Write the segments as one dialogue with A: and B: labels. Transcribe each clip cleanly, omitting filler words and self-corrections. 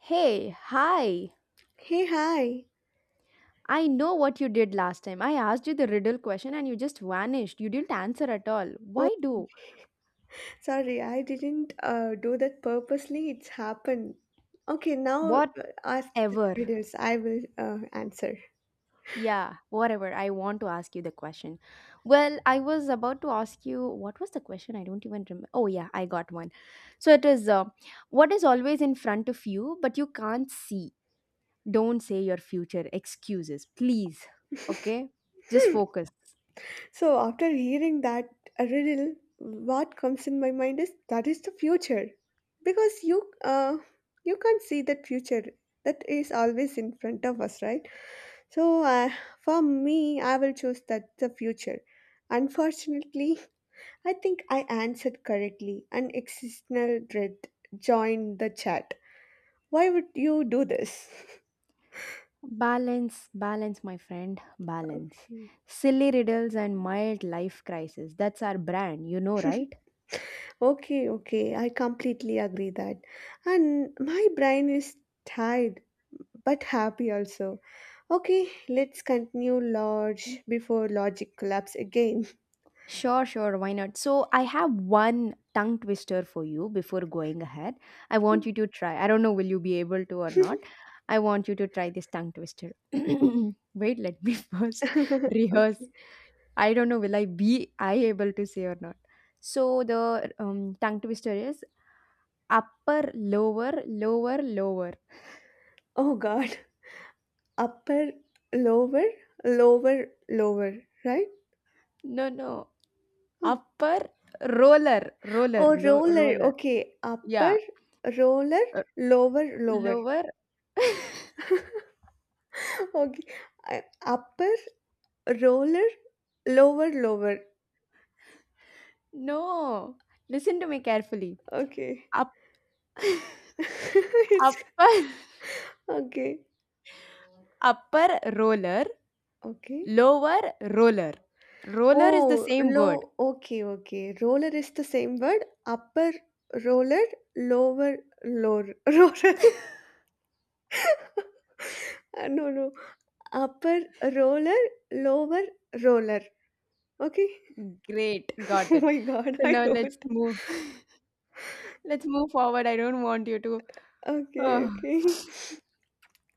A: Hey, hi.
B: Hey, hi.
A: I know what you did last time. I asked you the riddle question and you just vanished. You didn't answer at all.
B: Oh,
A: Why do?
B: sorry, I didn't do that purposely. It's happened. Okay, now ask the
A: Whatever.
B: riddles. I will answer.
A: Yeah, whatever. I want to ask you the question. Well, I was about to ask you what was the question? I don't even remember. Oh, yeah, I got one. So it is what is always in front of you, but you can't see? Don't say your future excuses, please. Okay? Just focus.
B: So, after hearing that riddle, what comes in my mind is that is the future, because you can't see that future. That is always in front of us, right? So, for me, I will choose that the future. Unfortunately, I think I answered correctly, and existential dread joined the chat. Why would you do this?
A: Balance, balance, my friend, balance. Silly riddles and mild life crisis. That's our brand, you know, right?
B: Okay, okay, I completely agree that. And my brain is tired but happy also. Okay, let's continue large before logic collapse again.
A: Sure, sure, why not? So, I have one tongue twister for you before going ahead. I want you to try. I don't know, will you be able to or not? I want you to try this tongue twister. Wait, let me first
B: Okay.
A: rehearse. I don't know, will I be I able to say or not? So, the tongue twister is upper, lower, lower, lower.
B: Oh god. Upper, lower, lower, lower, right?
A: No, no.
B: Oh,
A: Upper roller, roller,
B: Oh,
A: low,
B: roller.
A: roller.
B: Okay. Upper,
A: Yeah.
B: roller,
A: Uh,
B: lower, lower.
A: lower.
B: Okay. Upper, roller, lower, lower.
A: No. Listen to me carefully.
B: Okay.
A: Up,
B: It's
A: upper,
B: okay.
A: upper roller,
B: Okay.
A: lower roller. Roller is the
B: Oh,
A: same word.
B: low. Okay, okay. Roller is the same word. Upper roller, lower lower roller. No, no. Upper roller, lower roller. Okay.
A: Great, got
B: Oh
A: it.
B: my God,
A: So
B: I
A: now
B: know
A: let's
B: it.
A: move. Let's move forward. I don't want you to.
B: Okay,
A: Oh.
B: okay.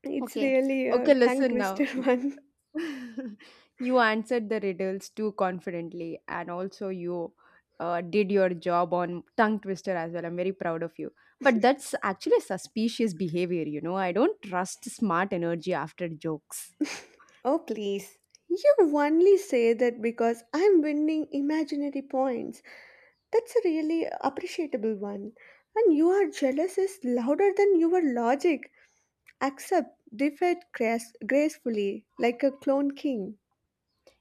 B: It's
A: Okay.
B: really a
A: Okay,
B: tongue
A: listen now.
B: twister one.
A: You answered the riddles too confidently, and also you did your job on tongue twister as well. I'm very proud of you. But that's actually suspicious behavior, you know. I don't trust smart energy after jokes.
B: Oh, please. You only say that because I'm winning imaginary points. That's a really appreciable one. And you are jealous is louder than your logic. Accept defeat gracefully like a clone king.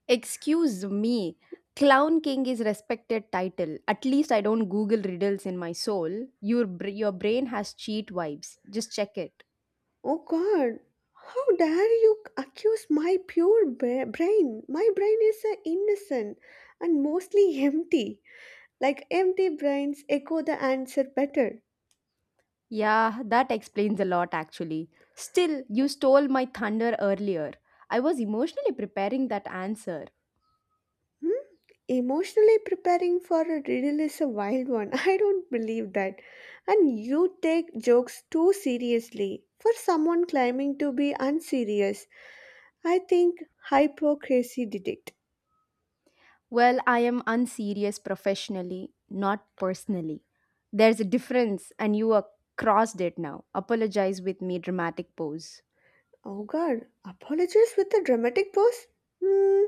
A: Excuse me, Clown King is respected title. At least I don't Google riddles in my soul. Your your brain has cheat vibes. Just check it.
B: Oh god, how dare you accuse my pure brain? My brain is innocent and mostly empty. Like empty brains echo the answer better.
A: Yeah, that explains a lot actually. Still, you stole my thunder earlier. I was emotionally preparing that answer.
B: Hmm? Emotionally preparing for a riddle is a wild one. I don't believe that. And you take jokes too seriously. For someone claiming to be unserious, I think hypocrisy detect.
A: Well, I am unserious professionally, not personally. There's a difference, and you are crossed it now. Apologize with me, dramatic pose.
B: Oh god, apologies with a dramatic pose? Hmm,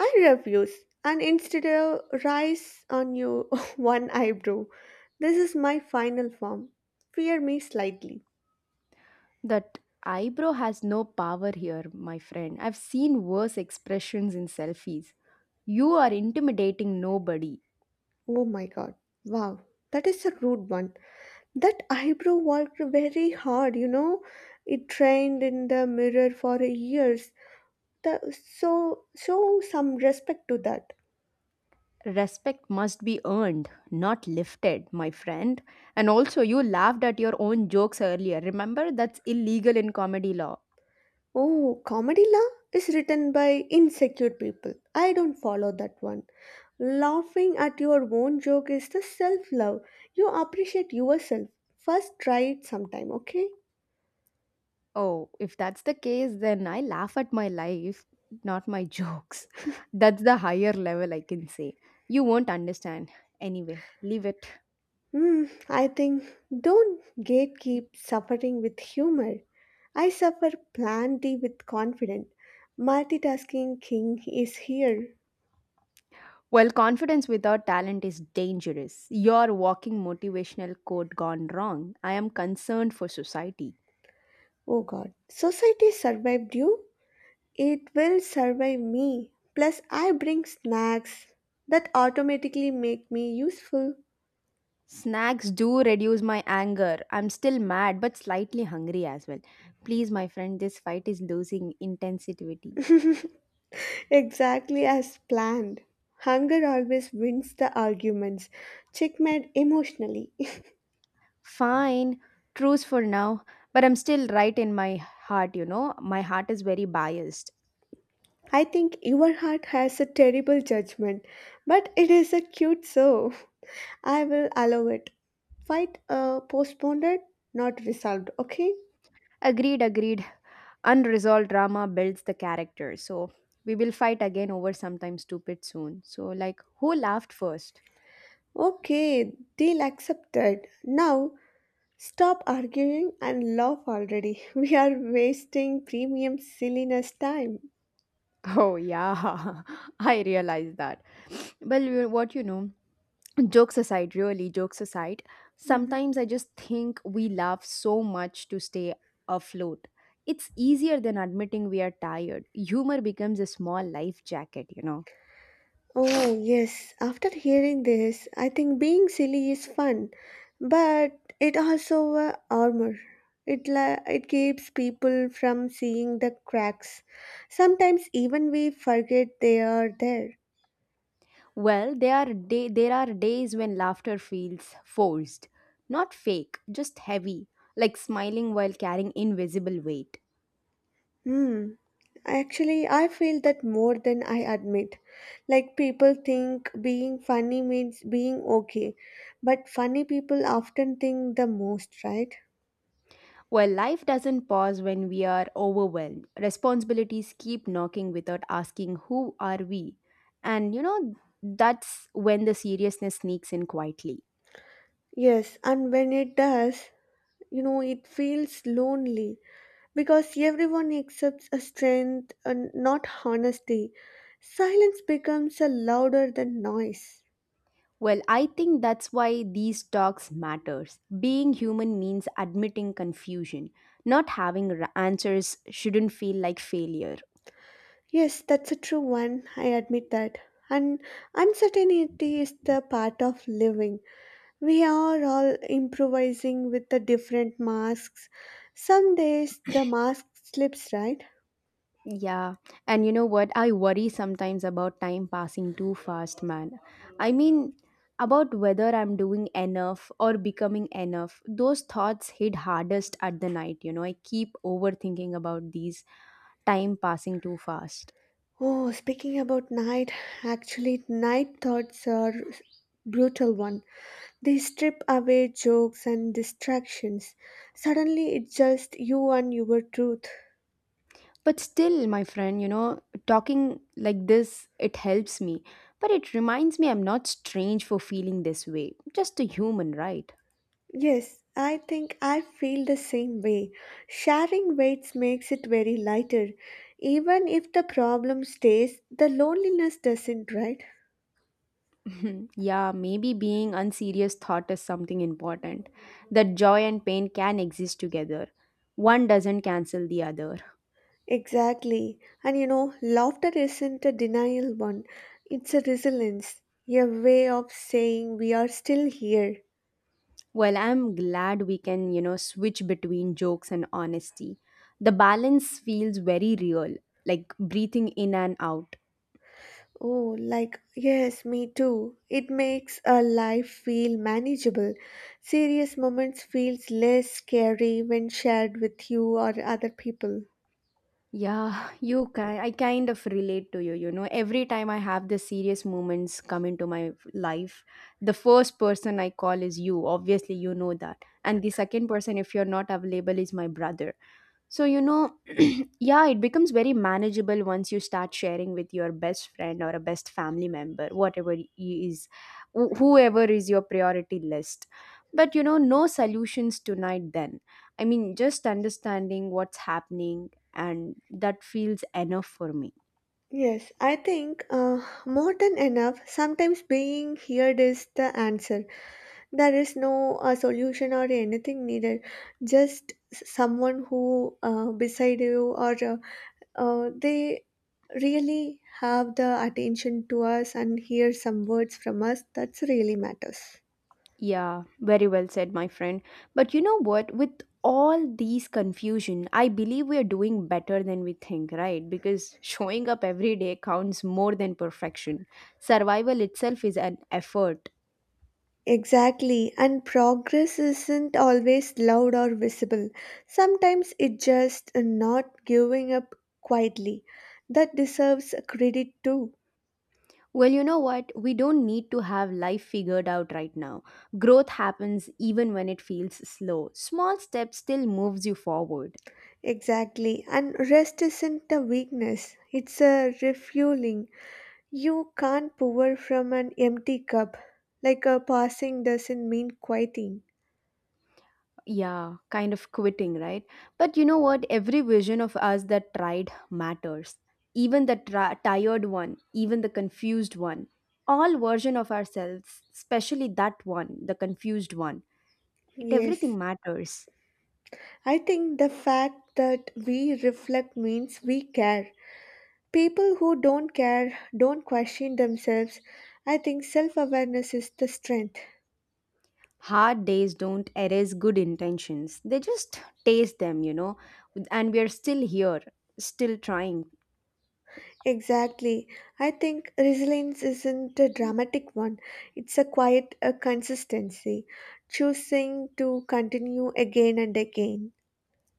B: I refuse. And instead of rise on you one eyebrow. This is my final form. Fear me slightly.
A: That eyebrow has no power here, my friend. I've seen worse expressions in selfies. You are intimidating nobody.
B: Oh my god. Wow, that is a rude one. That eyebrow worked very hard. It trained in the mirror for years. So show some respect to that.
A: Respect must be earned, not lifted, my friend. And also, you laughed at your own jokes earlier. Remember, that's illegal in comedy law.
B: Oh, comedy law is written by insecure people. I don't follow that one. Laughing at your own joke is the self love. You appreciate yourself. First, try it sometime, okay?
A: Oh, if that's the case, then I laugh at my life, not my jokes. That's the higher level I can say. You won't understand. Anyway, leave it.
B: Hmm. I think don't gatekeep suffering with humor. I suffer plenty with confidence. Multitasking king is here.
A: Well, confidence without talent is dangerous. You're walking motivational quote gone wrong. I am concerned for society.
B: Oh god. Society survived you. It will survive me. Plus I bring snacks that automatically make me useful
A: Snacks do reduce my anger. I'm still mad but slightly hungry as well. Please, my friend, this fight is losing intensity.
B: exactly as planned. Hunger always wins the arguments. Checkmate emotionally.
A: Fine, truce for now, but I'm still right in my heart, you know. My heart is very biased.
B: I think your heart has a terrible judgment, but it is a cute so. I will allow it. Fight postponed, not resolved, okay?
A: Agreed, agreed. Unresolved drama builds the character. So, we will fight again over something stupid soon. So, like, who laughed first?
B: Okay, deal accepted. Now, stop arguing and laugh already. We are wasting premium silliness time.
A: Oh, yeah, I realized that. Well, what you know. Jokes aside, really, jokes aside,
B: Mhm.
A: sometimes I just think we laugh so much to stay afloat. It's easier than admitting we are tired. Humor becomes a small life jacket, you know.
B: Oh, yes. After hearing this, I think being silly is fun, but it also armor. It keeps people from seeing the cracks. Sometimes even we forget they are there.
A: Well, there are days when laughter feels forced, not fake, just heavy, like smiling while carrying invisible weight.
B: Hmm. Actually, I feel that more than I admit. Like people think being funny means being okay, but funny people often think the most, right?
A: Well, life doesn't pause when we are overwhelmed. Responsibilities keep knocking without asking, who are we? And you know, that's when the seriousness sneaks in quietly.
B: Yes, and when it does, it feels lonely, because everyone accepts a strength and not honesty. Silence becomes a louder than noise.
A: Well, I think that's why these talks matters. Being human means admitting confusion. Not having answers shouldn't feel like failure.
B: Yes, that's a true one. I admit that. And uncertainty is the part of living. We are all improvising with the different masks. Some days the mask slips, right?
A: Yeah, and you know what? I worry sometimes about time passing too fast, man. I mean, about whether I'm doing enough or becoming enough. Those thoughts hit hardest at the night, you know. I keep overthinking about these time passing too fast.
B: Oh, speaking about night, actually night thoughts are brutal one. They strip away jokes and distractions. Suddenly, it's just you and your truth.
A: But still, my friend, you know, talking like this, it helps me. But it reminds me I'm not strange for feeling this way. Just a human, right?
B: Yes, I think I feel the same way. Sharing weights makes it very lighter. Even if the problem stays, the loneliness doesn't, right?
A: Yeah, maybe being unserious thought is something important. That joy and pain can exist together. One doesn't cancel the other.
B: Exactly. And laughter isn't a denial one, it's a resilience, a way of saying we are still here.
A: Well, I'm glad we can, you know, switch between jokes and honesty. The balance feels very real, like breathing in and out.
B: Oh, like, yes, me too. It makes a life feel manageable. Serious moments feels less scary when shared with you or other people.
A: Yeah, you can. I kind of relate to you. You know, every time I have the serious moments come into my life, the first person I call is you. Obviously, you know that. And the second person, if you're not available, is my brother. So, you know, yeah, it becomes very manageable once you start sharing with your best friend or a best family member, whatever he is, whoever is your priority list. But, you know, no solutions tonight then. I mean, just understanding what's happening, and that feels enough for me.
B: Yes, I think more than enough. Sometimes being heard is the answer. There is no solution or anything needed. Just someone who beside you or they really have the attention to us and hear some words from us that's really matters.
A: Yeah, very well said, my friend. But you know what? With all these confusion, I believe we are doing better than we think, right? Because showing up every day counts more than perfection. Survival itself is an effort.
B: Exactly, and progress isn't always loud or visible. Sometimes it's just not giving up quietly. That deserves credit too.
A: Well, you know what? We don't need to have life figured out right now. Growth happens even when it feels slow. Small steps still moves you forward.
B: Exactly, and rest isn't a weakness, it's a refueling. You can't pour from an empty cup. Like a passing doesn't mean quieting.
A: Yeah, kind of quitting, right? But you know what? Every vision of us that tried matters. Even the tired one, even the confused one, all version of ourselves, especially that one, the confused one. It
B: Yes,
A: everything matters.
B: I think the fact that we reflect means we care. People who don't care don't question themselves. I think self awareness is the strength.
A: Hard days don't erase good intentions. They just taste them, you know. And we are still here, still trying.
B: Exactly. I think resilience isn't a dramatic one, it's a quiet a consistency, choosing to continue again and again.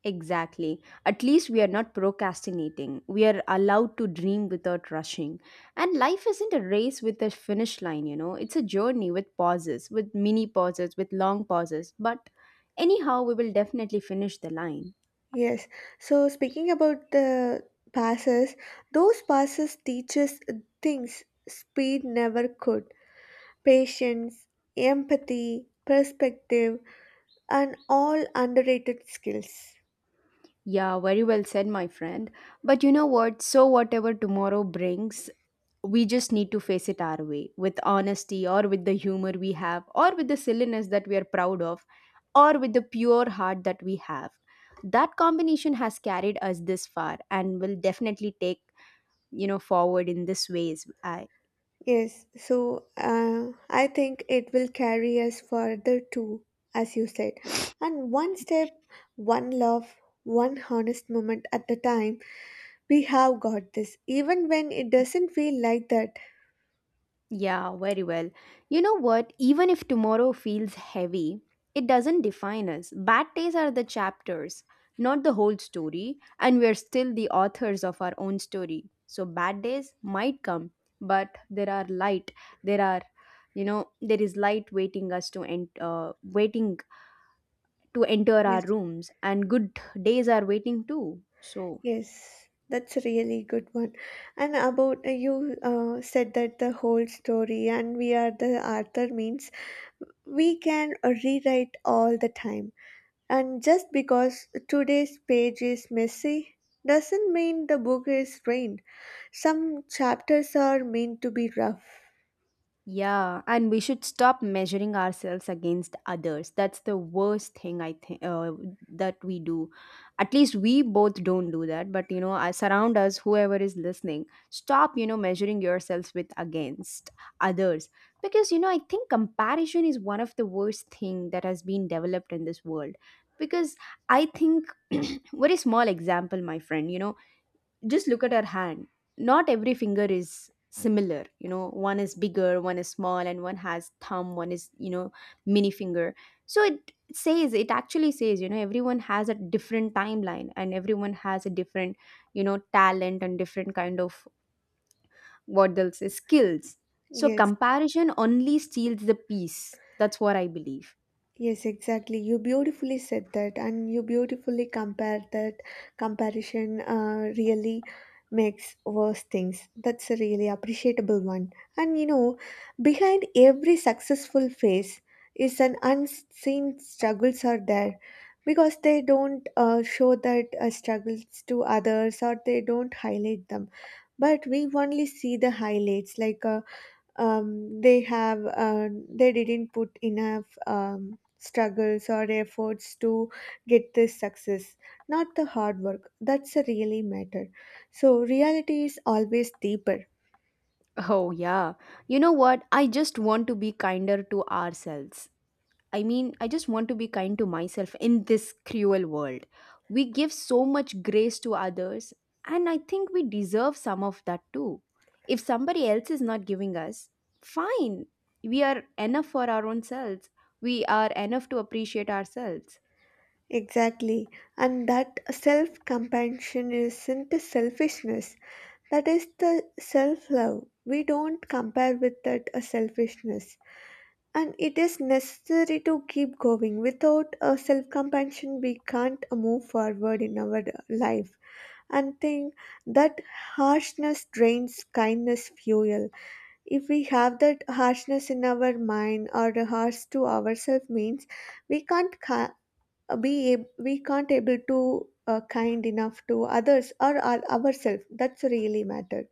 A: Exactly. At least we are not procrastinating. We are allowed to dream without rushing. And life isn't a race with a finish line, you know. It's a journey with pauses, with mini pauses, with long pauses. But anyhow, we will definitely finish the line.
B: Yes. So, speaking about the passes, those passes teaches things speed never could. Patience, empathy, perspective, and all underrated skills.
A: Yeah, very well said, my friend. But you know what? So, whatever tomorrow brings, we just need to face it our way, with honesty or with the humor we have or with the silliness that we are proud of or with the pure heart that we have. That combination has carried us this far and will definitely take, you know, forward in this ways I.
B: Yes, so I think it will carry us further too, as you said. And one step, one love, one honest moment at a time, we have got this, even when it doesn't feel like that.
A: Yeah, very well. You know what, even if tomorrow feels heavy, it doesn't define us. Bad days are the chapters, not the whole story, and we're still the authors of our own story. So bad days might come, but there are light, there are, you know, there is light waiting us to end, waiting to enter our
B: Yes,
A: rooms, and good days are waiting too. So,
B: yes, that's a really good one. And about you said that the whole story and we are the Arthur means we can rewrite all the time. And just because today's page is messy doesn't mean the book is ruined. Some chapters are meant to be rough.
A: yeah, and we should stop measuring ourselves against others. That's the worst thing I think that we do. At least we both don't do that, but you know, I surround us whoever is listening. Stop, you know, measuring yourselves with against others, because you know, I think comparison is one of the worst thing that has been developed in this world, because I think very small example, my friend, you know, just look at our hand. Not every finger is similar, you know. One is bigger, one is small, and one has thumb, one is, you know, mini finger. So it says, it actually says, you know, everyone has a different timeline and everyone has a different, you know, talent and different kind of what they'll say skills. So
B: Yes.
A: comparison only steals the peace. That's what I believe.
B: Yes, exactly. You beautifully said that, and you beautifully compared that. Comparison really makes worse things. That's a really appreciable one. And behind every successful phase is an unseen struggles are there, because they don't show that struggles to others or they don't highlight them. But we only see the highlights like. Um, they have uh, they didn't put enough struggles or efforts to get this success. Not the hard work that's a really matter. So reality is always deeper.
A: Oh yeah, you know what, I just want to be kinder to ourselves. I mean, I just want to be kind to myself in this cruel world. We give so much grace to others, and I think we deserve some of that too. If somebody else is not giving us, fine. We are enough for our own selves. We are enough to appreciate ourselves.
B: Exactly, and that self compassion isn't a selfishness. That is the self love. We don't compare with that a selfishness. And it is necessary to keep going. Without self compassion, we can't move forward in our life. And think that harshness drains kindness fuel. If we have that harshness in our mind or harsh to ourselves, means we can't ca- be ab- we can't able to kind enough to others or ourselves. That's really matter.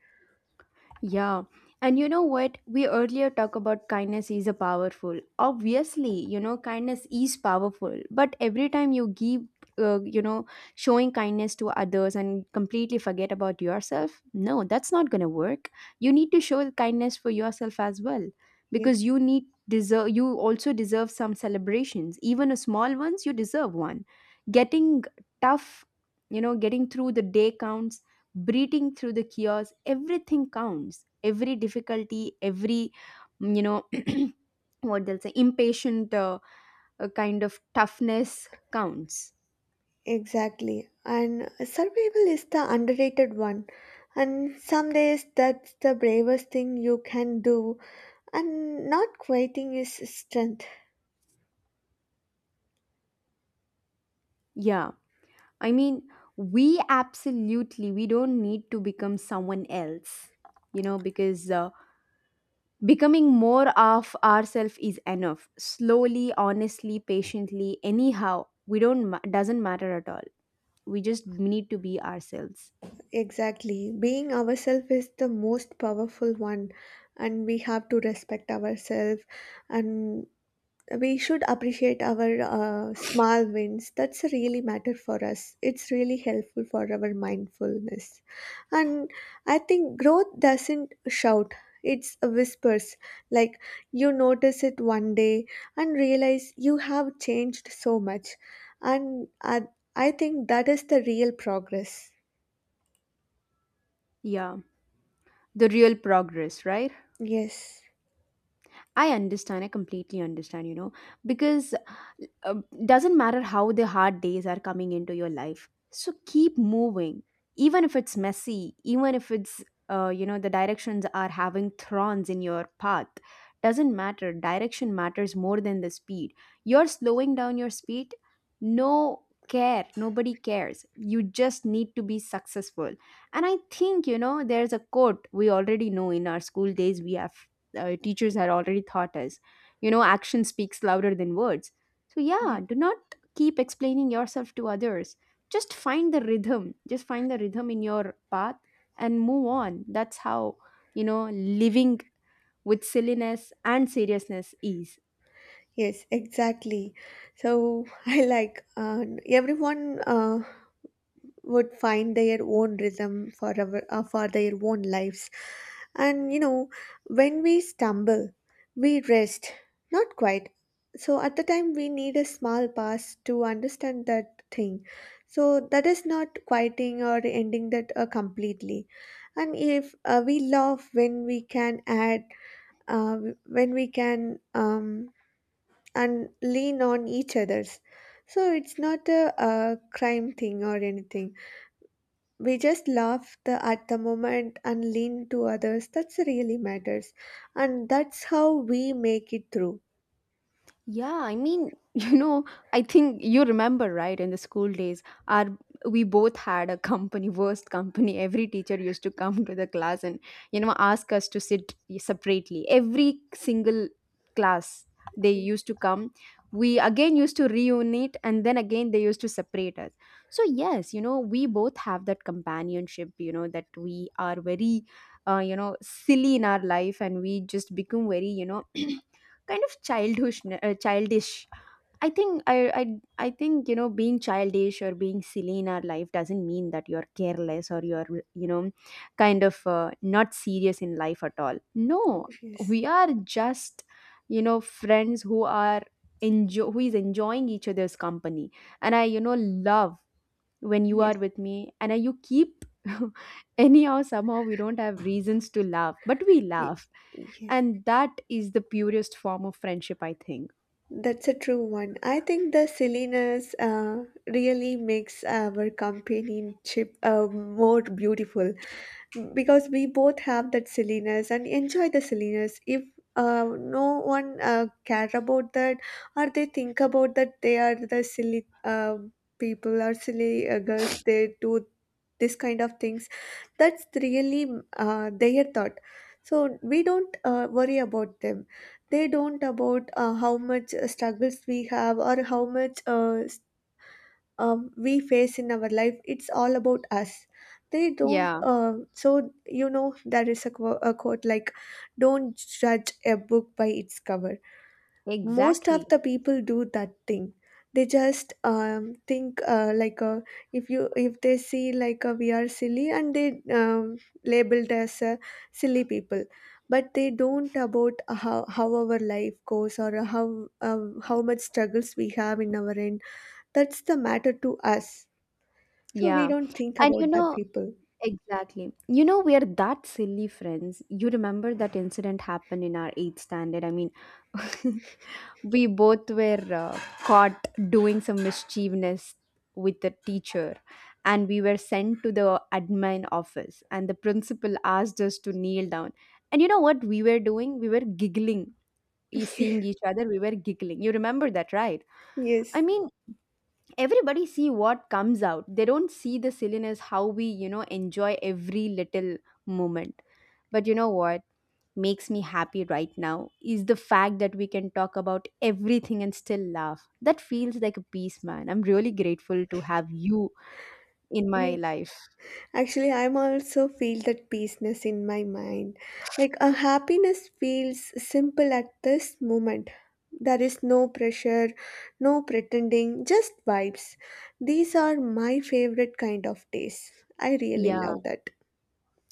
A: Yeah. And you know what? We earlier talked about kindness is a powerful. Obviously, you know, kindness is powerful. But every time you give, you know, showing kindness to others and completely forget about yourself, no, that's not going to work. You need to show kindness for yourself as well,
B: Yes.
A: because you need deserve, you also deserve some celebrations, even a small ones. You deserve one. Getting tough, you know, getting through the day counts. Breathing through the chaos, everything counts. Every difficulty, every you know, what they'll say impatient, kind of toughness counts.
B: Exactly. And survival is the underrated one. And some days that's the bravest thing you can do. And not quieting is strength.
A: Yeah, I mean, we absolutely, we don't need to become someone else, you know, because becoming more of ourselves is enough, slowly, honestly, patiently, anyhow, we don't ma- doesn't matter at all. We just need to be ourselves.
B: Exactly. Being ourselves is the most powerful one. And we have to respect ourselves. And we should appreciate our small wins. That's really matter for us. It's really helpful for our mindfulness. And I think growth doesn't shout, it's whispers. Like you notice it one day and realize you have changed so much, and I think that is the real progress.
A: Yeah, the real progress, right?
B: Yes.
A: I understand. I completely understand, you know, because uh, doesn't matter how the hard days are coming into your life. So keep moving, even if it's messy, even if it's, you know, the directions are having thorns in your path. Doesn't matter. Direction matters more than the speed. You're slowing down your speed. No care. Nobody cares. You just need to be successful. And I think, you know, there's a quote we already know in our school days. We have teachers had already taught us. You know, action speaks louder than words. So, yeah,
B: Ye-
A: do not keep explaining yourself to others. Just find the rhythm. Just find the rhythm in your path and move on. That's how, you know, living with silliness and seriousness is.
B: yes, exactly. So I like everyone would find their own rhythm for their own lives. And when we stumble we rest, not quite. So at the time we need a small pause to understand that thing, so that is not quieting or ending that completely. And if we love when we can add uh, when we can and lean on each others, so it's not a crime thing or anything. We just laugh at the moment and lean to others. That's really matters, and that's how we make it through.
A: Yeah, I mean, you know, I think you remember, right? In the school days, our we both had a company, worst company. Every teacher used to come to the class and, you know, ask us to sit separately. Every single class they used to come. We again used to reunite and then again they used to separate us. So yes, you know, we both have that companionship, you know, that we are very you know, silly in our life and we just become very, you know, kind of childish. I I think you know being childish or being silly in our life doesn't mean that you're careless or you're, you know, kind of not serious in life at all, no.
B: Yes,
A: We are just, you know, friends who are enjoy who is enjoying each other's company. And I, you know, love when you
B: yes,
A: are with me, and you keep anyhow somehow we don't have reasons to laugh, but we
B: Y-
A: laugh,
B: yes.
A: and that is the purest form of friendship, I think.
B: That's a true one. I think the silliness really makes our companionship more beautiful, because we both have that silliness and enjoy the silliness. If no one care about that, or they think about that they are the silly people or silly girls they do this kind of things. That's really their thought. So we don't worry about them. They don't about how much struggles we have, or how much we face in our life. It's all about us. They don't
A: Yeah,
B: so there is a quote like don't judge a book by its cover. Most of
A: exactly.
B: the people do that thing. They just think like if they see like we are silly and they labeled as silly people. But they don't about how our life goes, or how much struggles we have in our end. That's the matter to us, so we
A: Yeah.
B: don't think
A: And you
B: about that
A: know,
B: people.
A: exactly. You know, we are that silly friends. You remember that incident happened in our eighth standard. I mean, we both were caught doing some mischievousness with the teacher, and we were sent to the admin office, and the principal asked us to kneel down. And you know what we were doing? We were giggling. Seeing each other, we were giggling. You remember that, right? I
B: Yes,
A: mean, everybody see what comes out. They don't see the silliness, how we, you know, enjoy every little moment. But you know what makes me happy right now is the fact that we can talk about everything and still laugh. That feels like a peace, man. I'm really grateful to have you in my
B: yes.
A: life.
B: Actually, I'm also feel that peaceness in my mind. Like a happiness feels simple at this moment. There is no pressure, no pretending, just vibes. These are my favorite kind of days. I really
A: Yeah,
B: love that.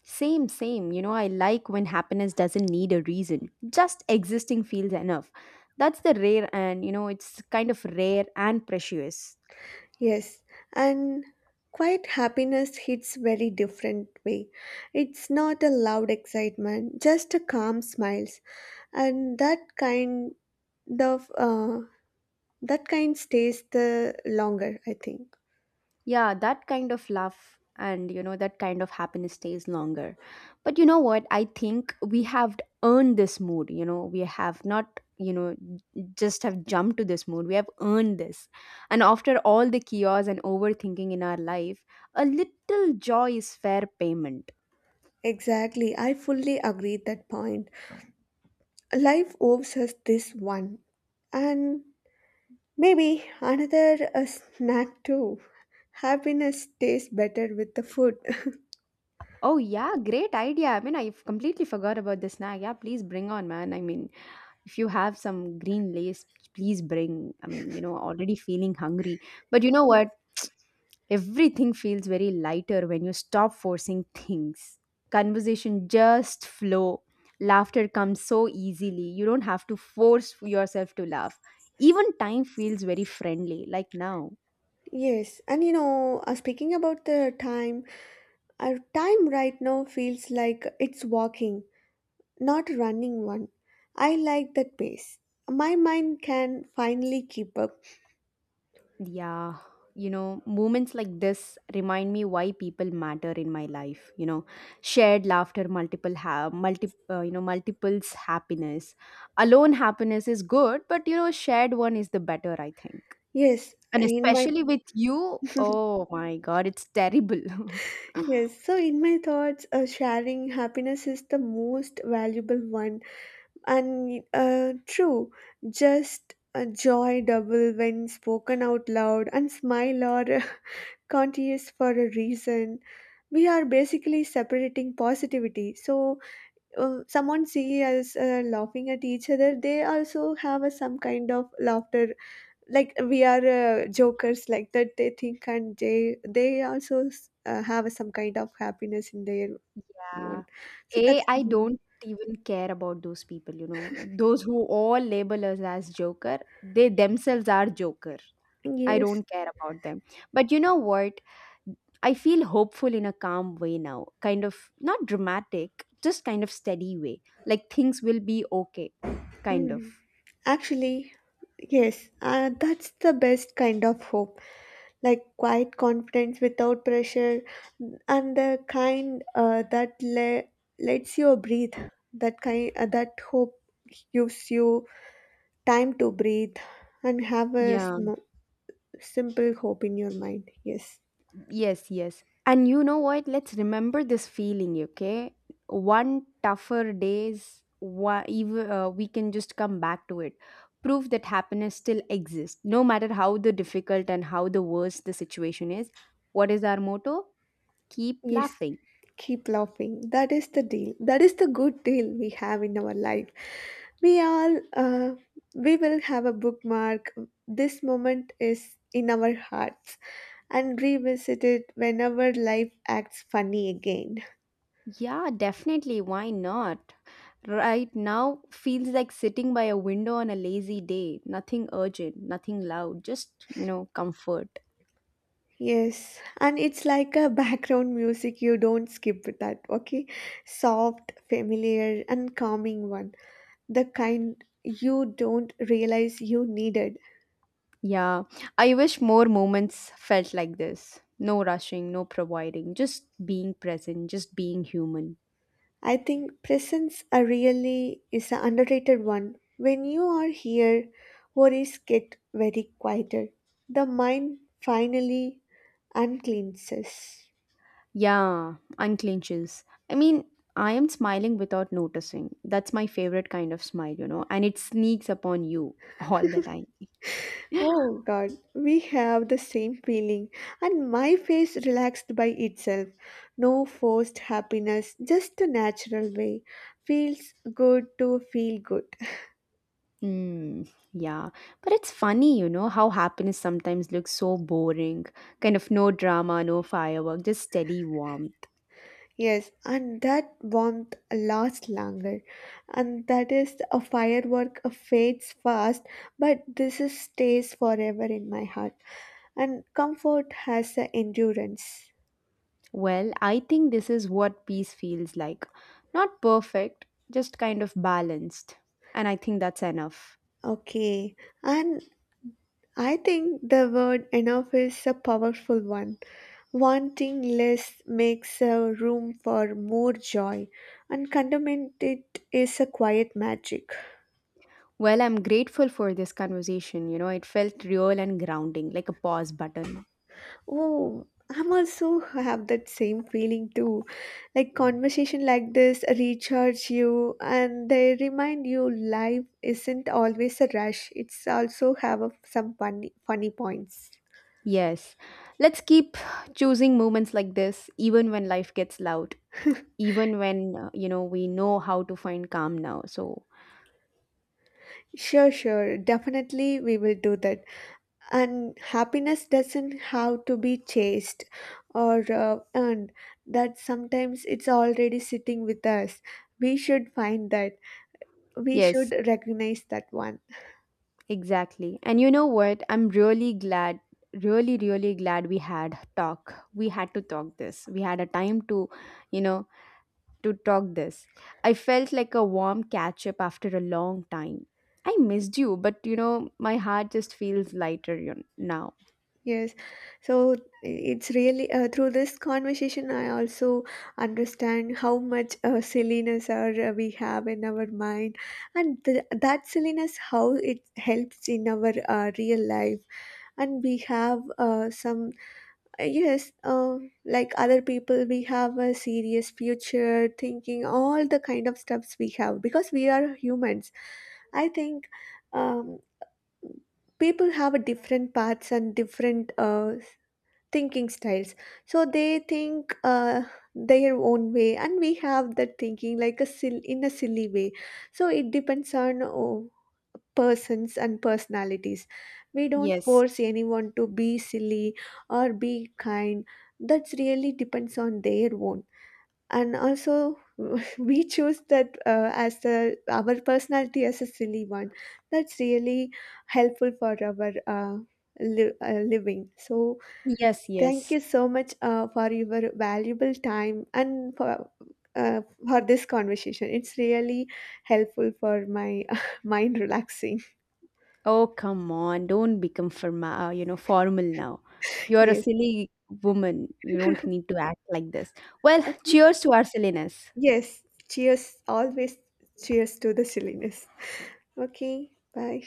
A: same, same. You know, I like when happiness doesn't need a reason, just existing feels enough. That's the rare, and you know, it's kind of rare and precious.
B: Yes, and quiet happiness hits very different way. It's not a loud excitement, just a calm smile, and that of uh, that kind stays the longer I think.
A: Yeah, that kind of love, and you know that kind of happiness stays longer. But you know what? I think we have earned this mood. You know, we have not, you know, just have jumped to this mood. We have earned this. And after all the chaos and overthinking in our life, a little joy is fair payment.
B: Exactly, I fully agree that point. Life owes us this one, and maybe another snack too. Happiness tastes better with the food.
A: Oh yeah, great idea. I mean, I completely forgot about this snack. Yeah, please bring on, man. I mean, if you have some green lace, please bring, I'm, you know, already feeling hungry. But you know what, everything feels very lighter when you stop forcing things, conversation just flow, laughter comes so easily, you don't have to force yourself to laugh, even time feels very friendly like now.
B: Yes, and you know, speaking about the time, our time right now feels like it's walking, not running one. I like that pace. My mind can finally keep up.
A: Yeah, you know, moments like this remind me why people matter in my life. You know, shared laughter, you know, multiples happiness. Alone happiness is good, but you know, shared one is the better, I think.
B: Yes,
A: And
B: in my
A: especially with you, oh my God, it's terrible.
B: yes, so in my thoughts, sharing happiness is the most valuable one, and true, just a joy double when spoken out loud and smile or continuous for a reason. We are basically separating positivity. So, someone see us laughing at each other, they also have a, some kind of laughter like we are jokers like that they think, and they also have some kind of happiness in their own,
A: Yeah,
B: so
A: a
B: that's
A: I
B: really good.
A: don't even care about those people. You know, those who all label us as joker, they themselves are joker. I
B: Yes.
A: don't care about them. But you know what? I feel hopeful in a calm way now, kind of not dramatic, just kind of steady way. Like things will be okay, kind of.
B: Mm. Actually, yes, that's the best kind of hope. Like quiet confidence without pressure, and the kind lets you breathe. That kind, that hope gives you time to breathe and
A: Yeah,
B: simple hope in your mind. Yes.
A: yes, yes. And you know what? Let's remember this feeling, okay? One tougher days, one, even, we can just come back to it. Proof that happiness still exists, no matter how the difficult and how the worst the situation is. What is our motto? Keep
B: Yes,
A: laughing.
B: keep laughing. That is the deal. That is the good deal we have in our life. We all, uh, we will have a bookmark. This moment is in our hearts, and revisit it whenever life acts funny again.
A: Yeah, definitely. Why not? Right now feels like sitting by a window on a lazy day. Nothing urgent, nothing loud, just, you know, comfort.
B: Yes, and it's like a background music. You don't skip that, okay? Soft, familiar, and calming one. The kind you don't realize you needed.
A: Yeah, I wish more moments felt like this. No rushing, no providing, just being present, just being human.
B: I think presence are really is an underrated one. When you are here, worries get very quieter. The mind finally uncleanses.
A: Yeah, unclenches. I mean, I am smiling without noticing. That's my favorite kind of smile, you know, and it sneaks upon you all the time.
B: Oh god, we have the same feeling, and my face relaxed by itself. No forced happiness, just a natural way. Feels good to feel good.
A: Mm, yeah, but it's funny, you know, how happiness sometimes looks so boring. Kind of no drama, no firework, just steady warmth.
B: Yes, and that warmth lasts longer, and that is a firework fades fast, but this is stays forever in my heart. And comfort has the endurance.
A: Well, I think this is what peace feels like. Not perfect, just kind of balanced. And I think that's enough.
B: Okay, and I think the word enough is a powerful one. Wanting less makes a room for more joy, and contentment it is a quiet magic.
A: Well, I'm grateful for this conversation. You know, it felt real and grounding, like a pause button.
B: Oh, I'm also have that same feeling too. Like conversation like this recharge you and they remind you life isn't always a rush. It's also have a, some funny points.
A: Yes, let's keep choosing moments like this, even when life gets loud. Even when, you know, we know how to find calm now. So
B: Sure, sure. Definitely we will do that. And happiness doesn't have to be chased or earned. That sometimes it's already sitting with us. We should find that. We
A: yes,
B: should recognize that one.
A: exactly. And you know what, I'm really glad, really really glad we had talk, we had a time to, you know, to talk this. I felt like a warm catch up after a long time. I missed you, but you know my heart just feels lighter you now.
B: Yes, so it's really through this conversation I also understand how much silliness are we have in our mind, and that silliness how it helps in our real life. And we have some uh, yes, uh, like other people, we have a serious future thinking all the kind of stuffs we have because we are humans. I think um, people have a different paths and different thinking styles, so they think their own way, and we have that thinking like a in a silly way. So it depends on oh, persons and personalities. We don't
A: Yes,
B: force anyone to be silly or be kind. That's really depends on their own. And also we choose that as the our personality as a silly one. That's really helpful for our living. So
A: yes,
B: thank
A: yes.
B: you so much for your valuable time and uh, for this conversation. It's really helpful for my mind relaxing.
A: Oh, come on. Don't become you know, formal now. You're a
B: Yes.
A: silly woman. You don't need to act like this. Well,
B: Okay.
A: cheers to our silliness.
B: Yes. Cheers. Always cheers to the silliness. Okay. Bye.